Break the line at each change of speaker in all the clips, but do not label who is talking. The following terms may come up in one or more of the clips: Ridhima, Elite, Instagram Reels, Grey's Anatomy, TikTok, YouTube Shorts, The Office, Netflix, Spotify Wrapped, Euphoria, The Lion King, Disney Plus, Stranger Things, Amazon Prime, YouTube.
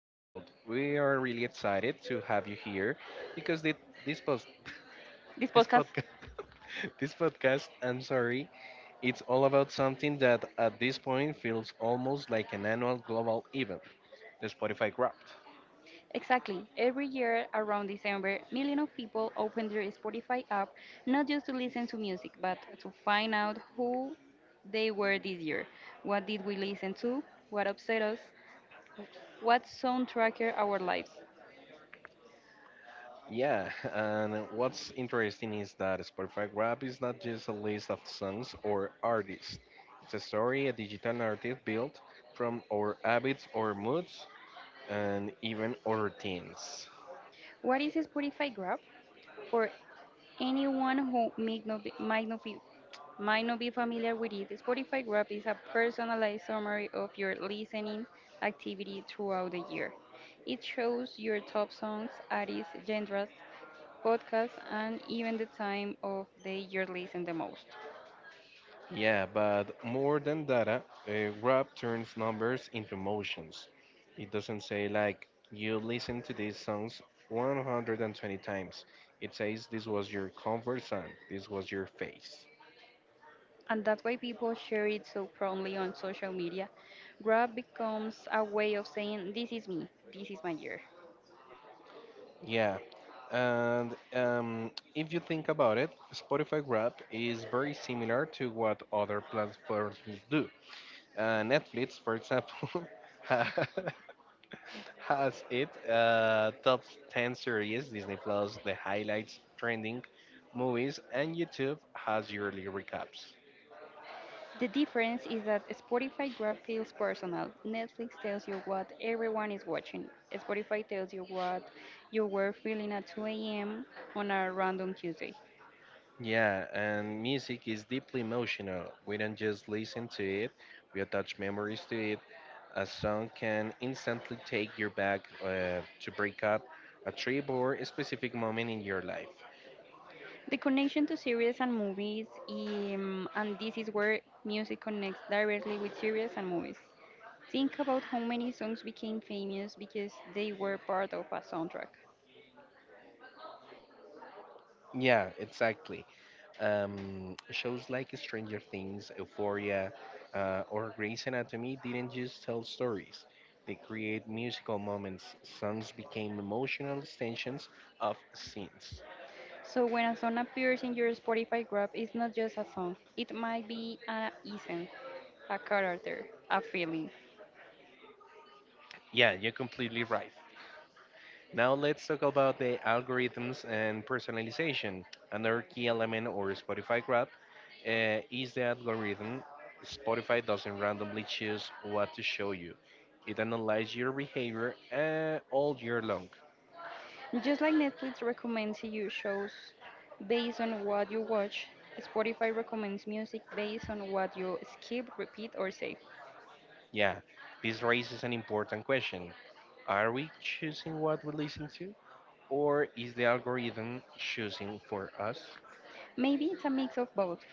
episode. We are really excited to have you here because the, this post,
This
this
podcast,
podcast, this podcast, I'm sorry, it's all about something that at this point feels almost like an annual global event, the Spotify Wrapped.
exactly. Every year around December, millions of people open their Spotify app not just to listen to music, but to find out who they were this year. What did we listen to? What upset us? What soundtracked our lives?
Yeah, and what's interesting is that Spotify Wrap is not just a list of songs or artists. It's a story, a digital narrative built from our habits or moods and even other things.
What is Spotify Grab? For anyone who may not be, might not be might not be familiar with it, Spotify Wrap is a personalized summary of your listening activity throughout the year. It shows your top songs, artists, genres, podcasts, and even the time of day you listen the most.
Yeah, but more than data, Grab turns numbers into emotions. It doesn't say like you listen to these songs 120 times. It says this was your comfort zone. This was your face.
And that's why people share it so proudly on social media. Grab becomes a way of saying, "This is me, this is my year."
Yeah. And If you think about it, Spotify Grab is very similar to what other platforms do. Netflix, for example, has it top 10 series, Disney Plus the highlights, trending movies, and YouTube has yearly recaps.
The difference is that Spotify grab feels personal. Netflix tells you what everyone is watching. Spotify tells you what you were feeling at 2 a.m. on a random Tuesday.
Yeah, and music is deeply emotional. We don't just listen to it, we attach memories to it. A song can instantly take you back to break up, a trip, or a specific moment in your life.
The connection to series and movies, and this is where music connects directly with series and movies. Think about how many songs became famous because they were part of a soundtrack.
Yeah, exactly. Shows like Stranger Things, Euphoria, or Grey's Anatomy didn't just tell stories. They create musical moments. Songs became emotional extensions of scenes.
So when a song appears in your Spotify graph, it's not just a song. It might be a essence, a character, a feeling.
Yeah, you're completely right. Now let's talk about the algorithms and personalization. Another key element or Spotify Grab is the algorithm. Spotify doesn't randomly choose what to show you. It analyzes your behavior all year long.
Just like Netflix recommends you shows based on what you watch, Spotify recommends music based on what you skip, repeat, or save.
Yeah, this raises an important question. Are we choosing what we listen to? Or is the algorithm choosing for us?
Maybe it's a mix of both.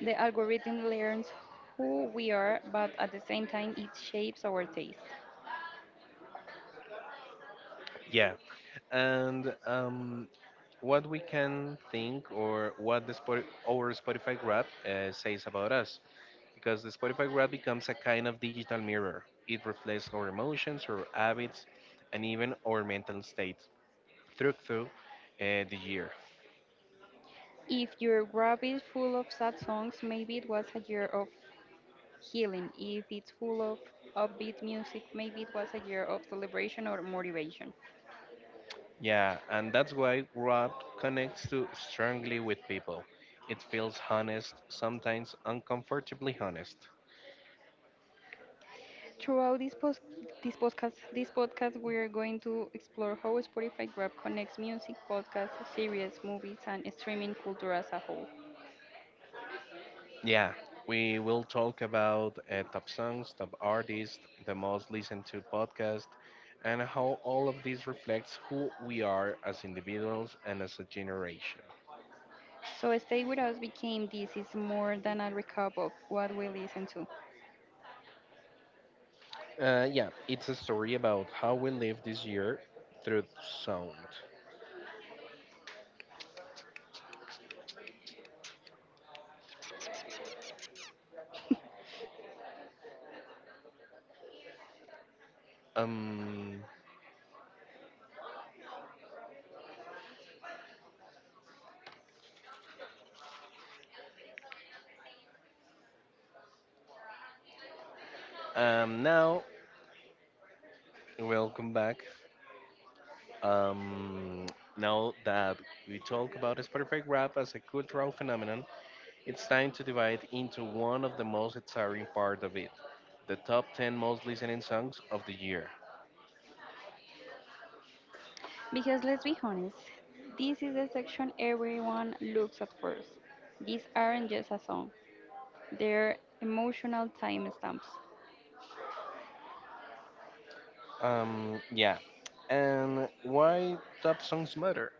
The algorithm learns who we are, but at the same time, it shapes our taste.
Yeah, and what we can think or what our Spotify Grab says about us. Because the Spotify Grab becomes a kind of digital mirror. It reflects our emotions, our habits, and even our mental state through the year.
If your graph is full of sad songs, maybe it was a year of healing. If it's full of upbeat music, maybe it was a year of celebration or motivation.
Yeah, and that's why Grab connects to strongly with people. It feels honest, sometimes uncomfortably honest.
Throughout this podcast, we're going to explore how Spotify Grab connects music, podcasts, series, movies, and streaming culture as a whole.
Yeah, we will talk about top songs, top artists, the most listened to podcast, and how all of this reflects who we are as individuals and as a generation.
So stay with us became this is more than a recap of what we listen to.
Yeah, it's a story about how we live this year through sound. Um, Now, welcome back. Um, Now that we talk about Spotify rap as a cultural phenomenon, it's time to divide into one of the most exciting part of it, the top 10 most listening songs of the year.
Because let's be honest, this is the section everyone looks at first. These aren't just a song; they're emotional timestamps.
Yeah. And why top songs matter?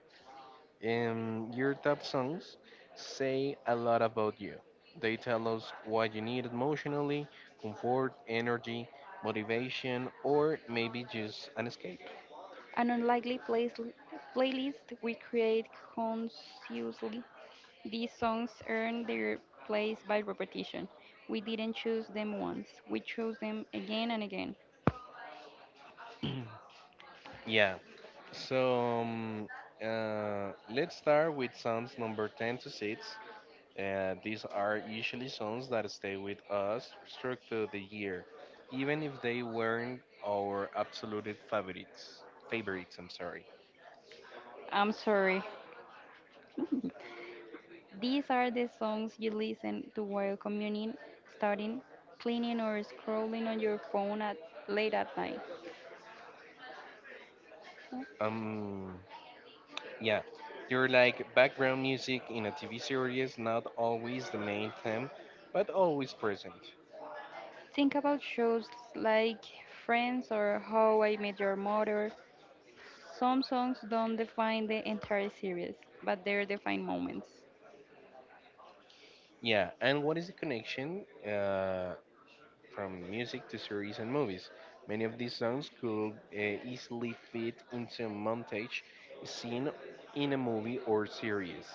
Your top songs say a lot about you. They tell us what you need emotionally, comfort, energy, motivation, or maybe just an escape.
An unlikely place playlist we create consciously. These songs earn their place by repetition. We didn't choose them once, we chose them again and again.
Yeah. So let's start with songs number 10 to 6. And these are usually songs that stay with us through to the year, even if they weren't our absolute favorites. Favorites, I'm sorry.
I'm sorry. These are the songs you listen to while commuting, studying, cleaning, or scrolling on your phone at late at night.
Um, yeah, you're like background music in a TV series, not always the main theme, but always present.
Think about shows like Friends or How I Met Your Mother. Some songs don't define the entire series, but they define moments,
Yeah, and what is the connection? From music to series and movies. Many of these songs could easily fit into a montage scene in a movie or series.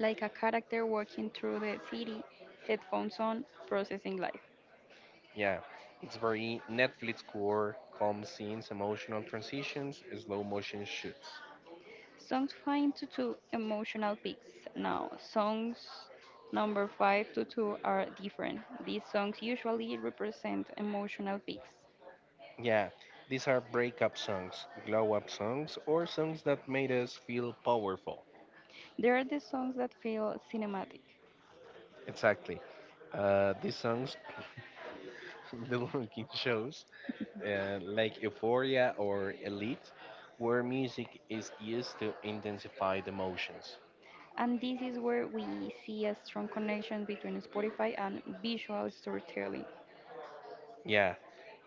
like a character walking through the city, headphones on, processing life.
Yeah, it's very Netflix core, calm scenes, emotional transitions, slow motion shoots.
Songs 5 to 2, emotional peaks. Now, songs number 5 to 2 are different. These songs usually represent emotional peaks.
Yeah, these are breakup songs, glow up songs, or songs that made us feel powerful.
They are the songs that feel cinematic.
Exactly. These songs, the Lion King shows, like Euphoria or Elite, where music is used to intensify the emotions.
And this is where we see a strong connection between Spotify and visual storytelling.
Yeah,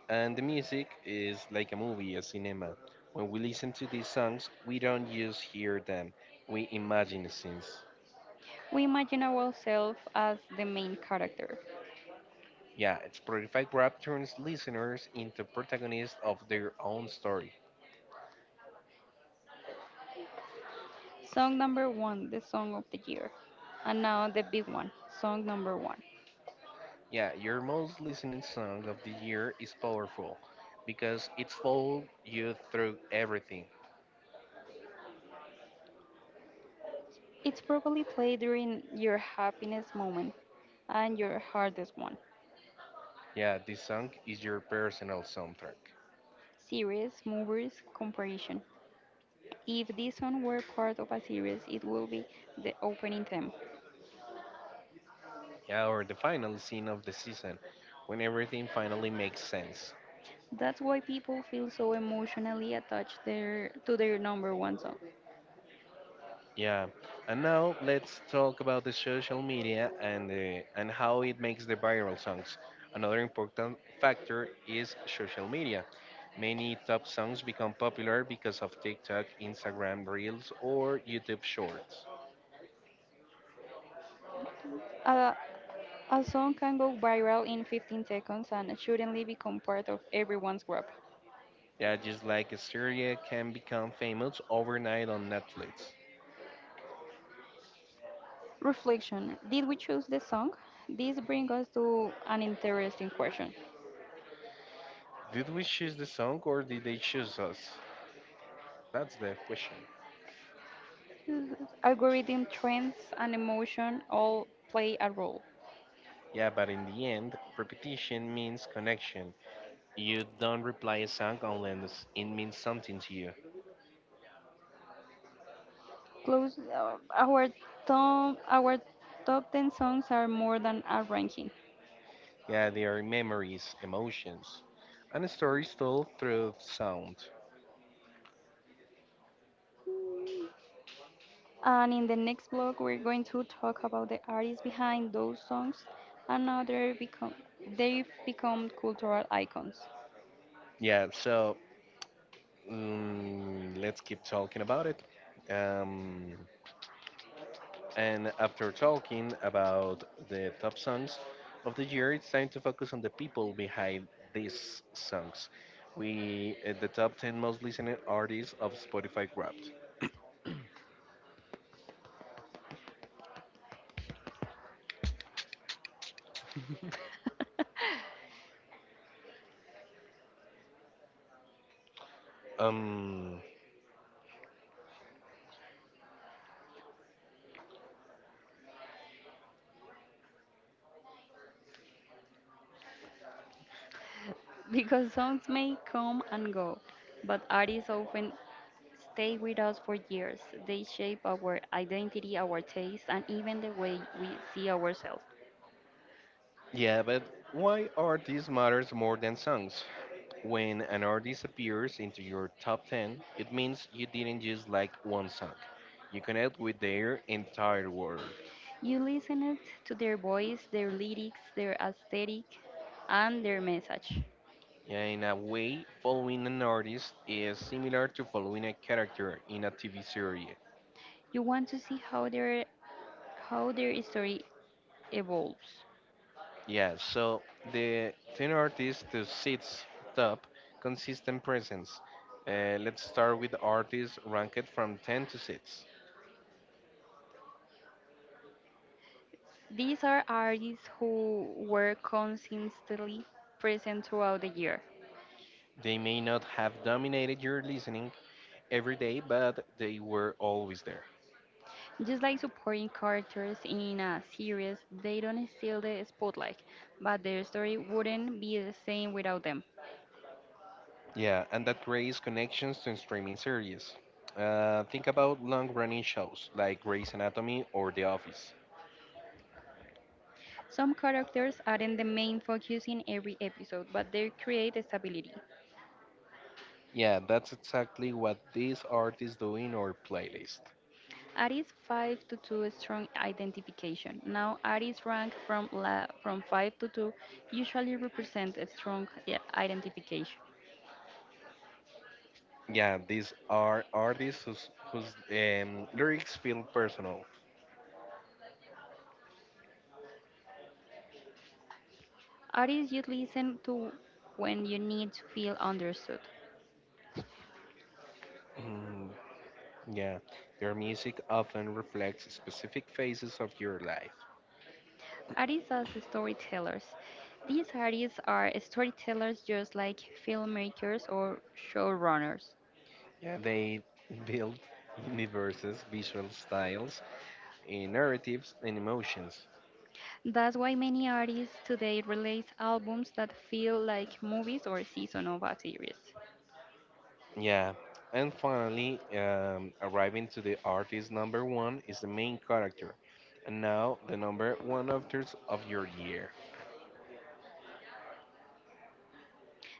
and the music is like a movie, a cinema. When we listen to these songs, we don't just hear them, we imagine the scenes.
We imagine ourselves as the main character.
Yeah, Spotify Grab turns listeners into protagonists of their own story.
Song number one, the song of the year. And now the big one, song number one.
Yeah, your most listening song of the year is powerful because it's followed you through everything.
It's probably played during your happiness moment and your hardest one.
Yeah, this song is your personal soundtrack.
Series, movies, comparison. If this song were part of a series, it would be the opening theme.
Yeah, or the final scene of the season, when everything finally makes sense.
That's why people feel so emotionally attached their, to their number one song.
Yeah, and now let's talk about the social media and how it makes the viral songs. Another important factor is social media. Many top songs become popular because of TikTok, Instagram Reels, or YouTube Shorts.
A A song can go viral in 15 seconds and suddenly become part of everyone's group.
Yeah, just like Syria can become famous overnight on Netflix.
Reflection: did we choose the song? This brings us to an interesting question.
Did we choose the song or did they choose us? That's the question.
Algorithm, trends, and emotion all play a role.
Yeah, but in the end, repetition means connection. You don't reply a song unless it means something to you.
Close, uh, our, our top 10 songs are more than a ranking.
Yeah, they are memories, emotions, and stories told through sound.
And in the next blog, we're going to talk about the artists behind those songs and how they've become cultural icons.
Yeah, so let's keep talking about it. Um, and after talking about the top songs of the year, it's time to focus on the people behind these songs. We the top 10 most listening artists of Spotify Wrapped. Um,
Because songs may come and go, but artists often stay with us for years. They shape our identity, our taste, and even the way we see ourselves.
yeah, but why are these matters more than songs? When an artist appears into your top 10, it means you didn't just like one song. You connect with their entire world.
You listen it to their voice, their lyrics, their aesthetic, and their message.
Yeah, in a way, following an artist is similar to following a character in a TV series.
You want to see how their story evolves.
Yeah, so the 10 artists to sits top consistent presence. Let's start with artists ranked from 10 to 6.
These are artists who were consistently present throughout the year.
They may not have dominated your listening every day, but they were always there.
Just like supporting characters in a series, they don't steal the spotlight, but their story wouldn't be the same without them.
Yeah, and that creates connections to streaming series. Think about long running shows like Grey's Anatomy or The Office.
Some characters aren't the main focus in every episode, but they create stability.
Yeah, that's exactly what these artists do in our playlist.
Aries 5 to 2 is strong identification. Now, Aries rank from 5 to 2 usually represent a strong identification.
Yeah, these are artists whose lyrics feel personal.
Aries, you listen to when you need to feel understood.
Mm, yeah, their music often reflects specific phases of your life.
Artists as storytellers. These artists are storytellers just like filmmakers or showrunners.
Yeah, they build universes, visual styles, narratives, and emotions.
That's why many artists today release albums that feel like movies or season of a series.
Yeah, and finally, arriving to the artist number one is the main character, and now the number one artist of your year.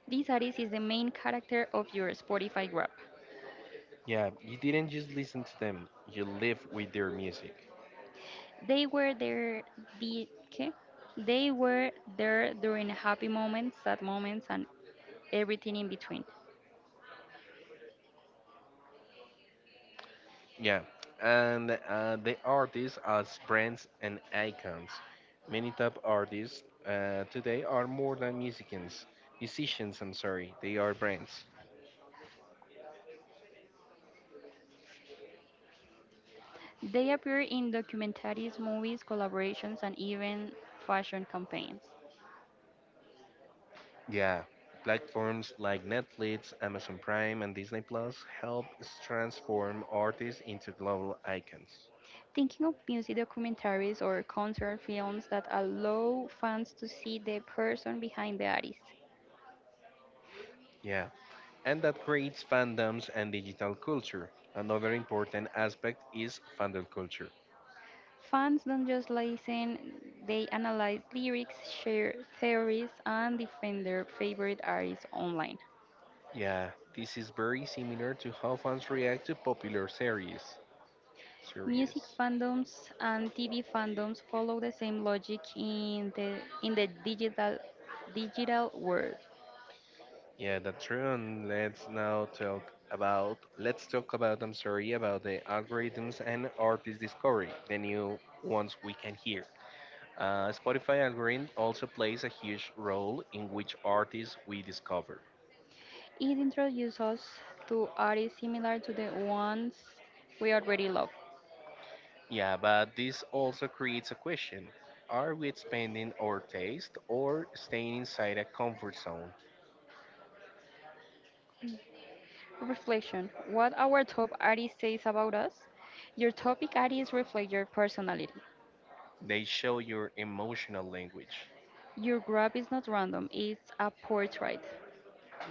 This artist is the main character of your Spotify grab.
Yeah, you didn't just listen to them; you live with their music.
They were there the ¿qué? They were there during happy moments, sad moments, and everything in between.
Yeah, and the artists as brands and icons. Many top artists today are more than musicians, they are brands.
They appear in documentaries, movies, collaborations, and even fashion campaigns.
Yeah, platforms like Netflix, Amazon Prime, and Disney Plus help transform artists into global icons.
Thinking of music documentaries or concert films that allow fans to see the person behind the artist.
Yeah, and that creates fandoms and digital culture. Another important aspect is fandom culture.
Fans don't just listen, they analyze lyrics, share theories, and defend their favorite artists online.
Yeah, this is very similar to how fans react to popular series.
Music
Series.
fandoms and TV fandoms follow the same logic in the digital world.
Yeah, that's true. And let's now talk about. Let's talk about. I'm sorry about the algorithms and artist discovery, the new ones we can hear. Spotify algorithm also plays a huge role in which artists we discover.
It introduces us to artists similar to the ones we already love.
Yeah, but this also creates a question: Are we expanding our taste or staying inside a comfort zone?
Reflection: what our top artist says about us? Your topic artist reflects your personality.
They show your emotional language.
Your graph is not random, it's a portrait.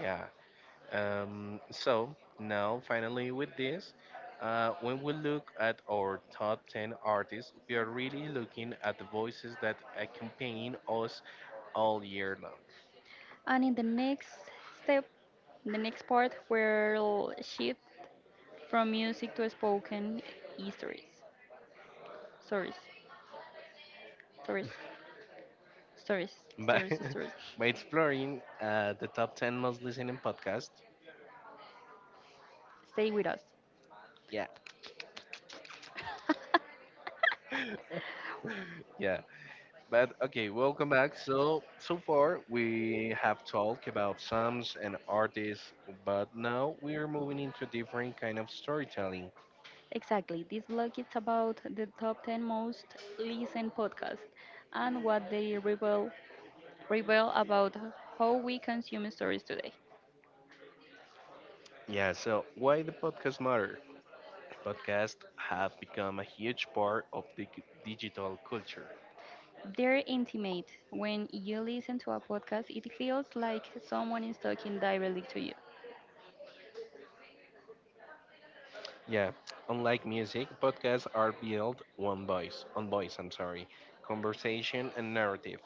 Yeah. So now, finally, with this, when we look at our top 10 artists, we are really looking at the voices that accompany us all year long.
And in the step, next part, we'll shift from music to spoken stories. Stories, stories, stories,
By,
stories, stories.
by exploring the top 10 most listening podcast.
Stay with us.
Yeah. Yeah. But okay, welcome back. So, so far we have talked about songs and artists, but now we are moving into a different kind of storytelling.
Exactly. This blog is about the top 10 most listened podcasts and what they reveal about how we consume stories today.
Yeah, so why the podcast matter? Podcasts have become a huge part of the digital culture.
They're intimate. When you listen to a podcast, it feels like someone is talking directly to you.
Yeah, unlike music, podcasts are built on voice, conversation and narrative.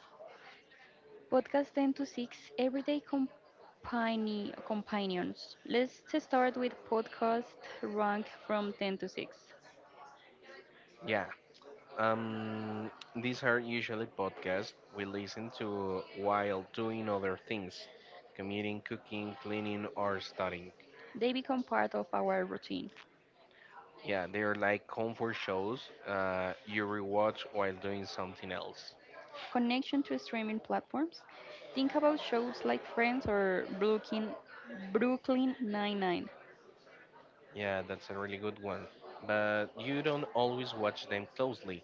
Podcast 10 to 6, everyday company, companions. Let's start with podcast rank from 10 to 6.
Yeah, these are usually podcasts we listen to while doing other things, commuting, cooking, cleaning, or studying.
They become part of our routine.
Yeah, they're like comfort shows you rewatch while doing something else.
Connection to streaming platforms. Think about shows like Friends or Brooklyn Nine-Nine.
Yeah, that's a really good one. But you don't always watch them closely,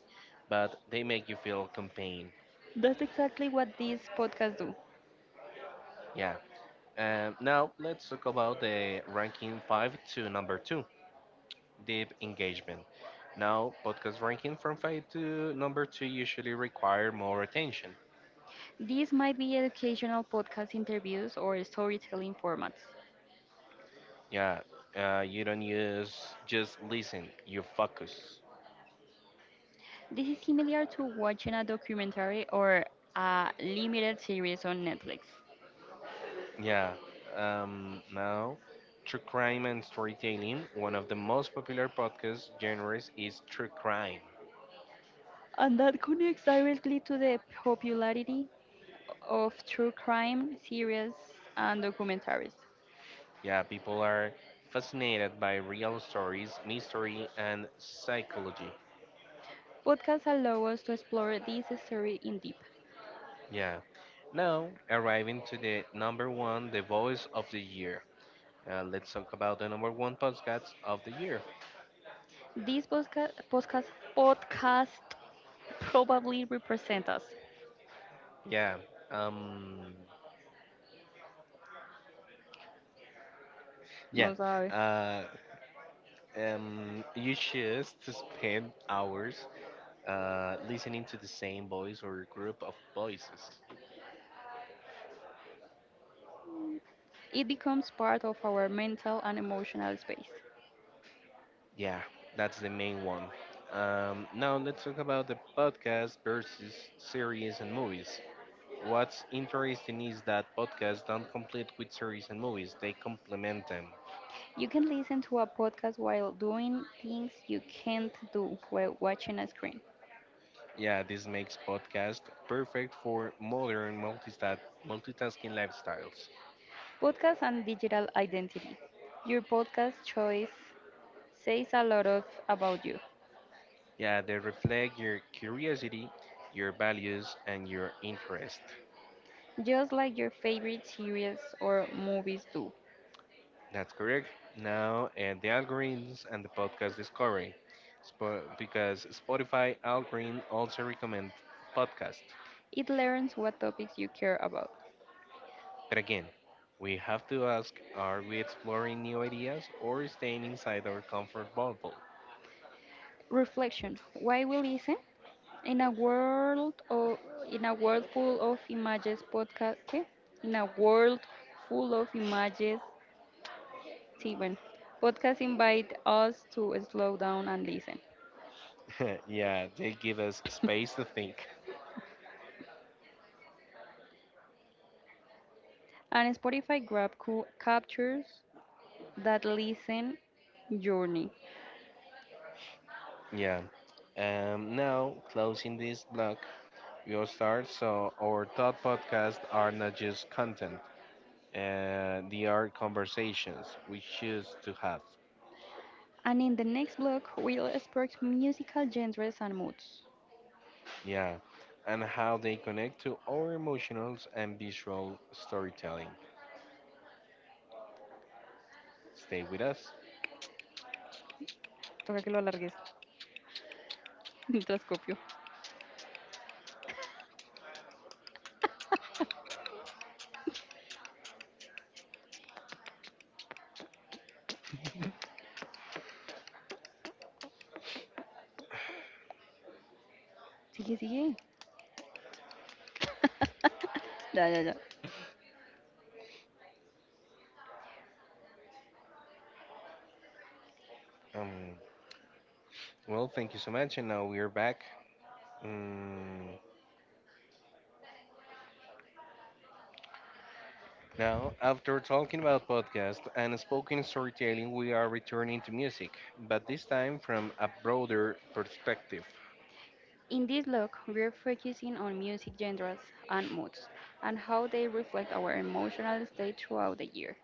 but they make you feel campaign.
That's exactly what these podcasts do.
Yeah. Now let's talk about the ranking five to number two, deep engagement. Now podcast ranking from five to number two usually require more attention.
These might be educational podcast interviews or storytelling formats.
Yeah. You don't use just listen. You focus.
This is similar to watching a documentary or a limited series on Netflix.
Yeah. Now True Crime and Storytelling, one of the most popular podcast genres is True Crime.
And that connects directly to the popularity of true crime series and documentaries.
Yeah, people are fascinated by real stories, mystery, and psychology.
Podcasts allow us to explore this story in deep.
Yeah. Now, arriving to the number one, the voice of the year. Let's talk about the number one podcast of the year.
These podcast probably represent us.
Yeah. Um. Yeah.
No sabe.
Uh. You choose to spend hours listening to the same voice or group of voices.
It becomes part of our mental and emotional space.
Yeah, that's the main one. Now let's talk about the podcast versus series and movies. What's interesting is that podcasts don't complete with series and movies, they complement them.
You can listen to a podcast while doing things you can't do while watching a screen.
Yeah, this makes podcast perfect for modern multitasking lifestyles.
Podcast and digital identity. Your podcast choice says a lot of about you,
Yeah, they reflect your curiosity, your values, and your interest.
just like your favorite series or movies do.
That's correct. Now, and the algorithms and the podcast discovery, because Spotify algorithm also recommend podcast.
It learns what topics you care about.
But again, we have to ask: Are we exploring new ideas or staying inside our comfort bubble?
Reflection: why we listen? In a world of in a world full of images, podcast in a world full of images Steven. Podcasts invite us to slow down and listen.
yeah, they give us space to think.
And Spotify grab captures that listen journey.
Yeah. Now, closing this block, we'll start. So, our thought podcasts are not just content, they are conversations we choose to have.
And in the next block, we'll explore musical genres and moods.
Yeah, and how they connect to our emotional and visual storytelling. Stay with us.
Toca que lo alargues mientras copio. Sigue, sigue. Ya, ya, ya.
Um, well, thank you so much, and now we are back. Mm, Now, after talking about podcast and spoken storytelling, we are returning to music, but this time from a broader perspective.
In this blog, we're focusing on music genres and moods and how they reflect our emotional state throughout the year.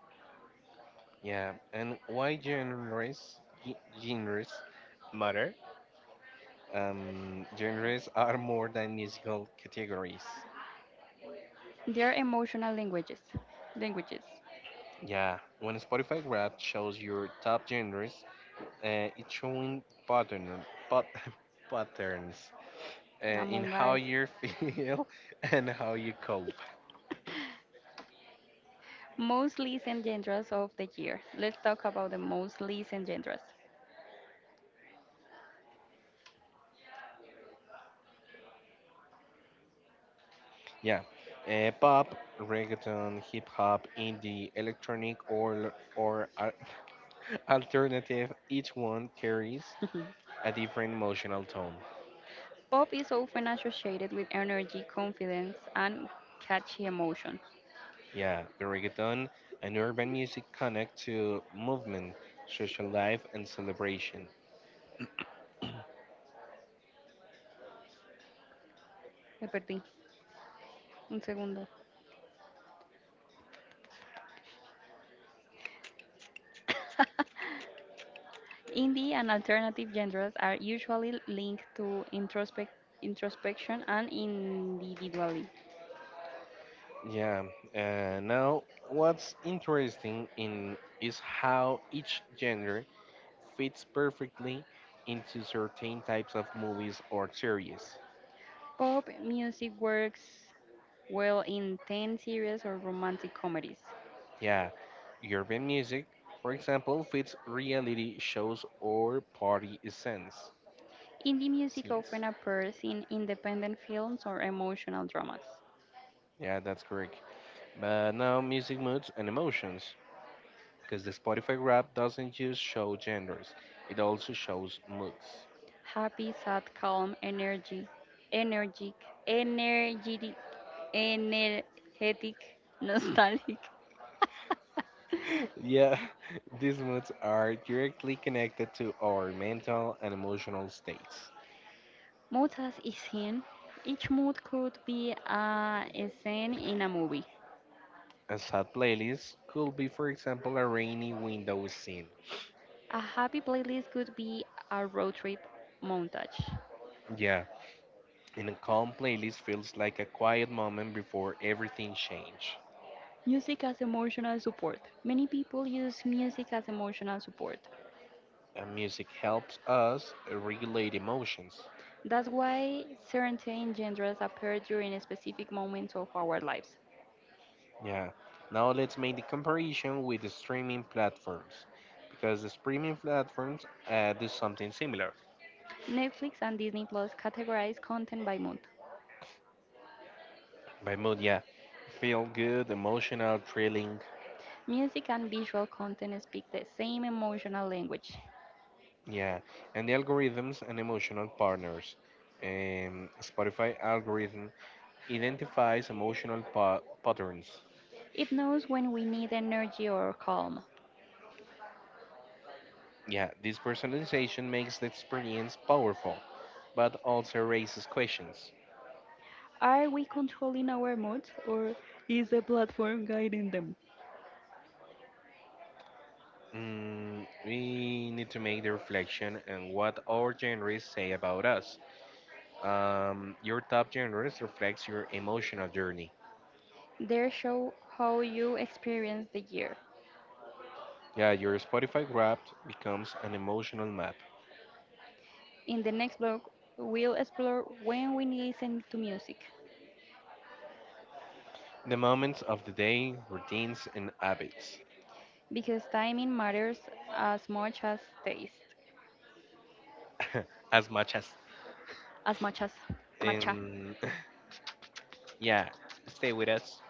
Yeah, and why genres, ge- genres matter? Genres are more than musical categories.
They are emotional languages.
Yeah, when Spotify Wrapped shows your top genres, it's showing pat- patterns in
Among
how
guys,
you feel and how you cope.
most listened genres of the year. Let's talk about the most listened genres.
Yeah, pop, reggaeton, hip hop, indie, electronic, or alternative. Each one carries a different emotional tone.
Pop is often associated with energy, confidence, and catchy emotions.
Yeah, the reggaeton and urban music connect to movement, social life, and celebration.
Me perdí. Un segundo. Indie and alternative genres are usually linked to introspection and individuality.
Yeah. Now, what's interesting in is how each genre fits perfectly into certain types of movies or series.
Pop music works well in teen series or romantic comedies.
Yeah. Urban music, for example, fits reality shows or party scenes.
Indie music often
Scenes.
appears in independent films or emotional dramas.
Yeah, that's correct. But now, music moods and emotions, because the Spotify rap doesn't just show genders; it also shows moods.
Happy, sad, calm, energetic, energetic, energetic, nostalgic.
Yeah, these moods are directly connected to our mental and emotional states.
Mood as a scene. Each mood could be a scene in a movie.
A sad playlist could be, for example, a rainy window scene.
A happy playlist could be a road trip montage.
Yeah, and a calm playlist feels like a quiet moment before everything changes.
Music as emotional support. Many people use music as emotional support.
And music helps us regulate emotions.
That's why certain genres appear during specific moments of our lives.
Yeah, now let's make the comparison with the streaming platforms. Because the streaming platforms do something similar.
Netflix and Disney Plus categorize content by mood.
By mood, yeah, feel good, emotional, thrilling.
Music and visual content speak the same emotional language.
Yeah, and the algorithms and emotional partners. Spotify algorithm identifies emotional patterns.
It knows when we need energy or calm.
Yeah, this personalization makes the experience powerful, but also raises questions.
Are we controlling our moods or is the platform guiding them?
We need to make the reflection on what our genres say about us. Your top genres reflects your emotional journey.
They show how you experience the year.
Yeah, your Spotify Wrapped becomes an emotional map.
In the next blog, we'll explore when we listen to music
The moments of the day, routines, and habits.
because timing matters as much as taste.
as much as
As much as matcha.
in, yeah, stay with us.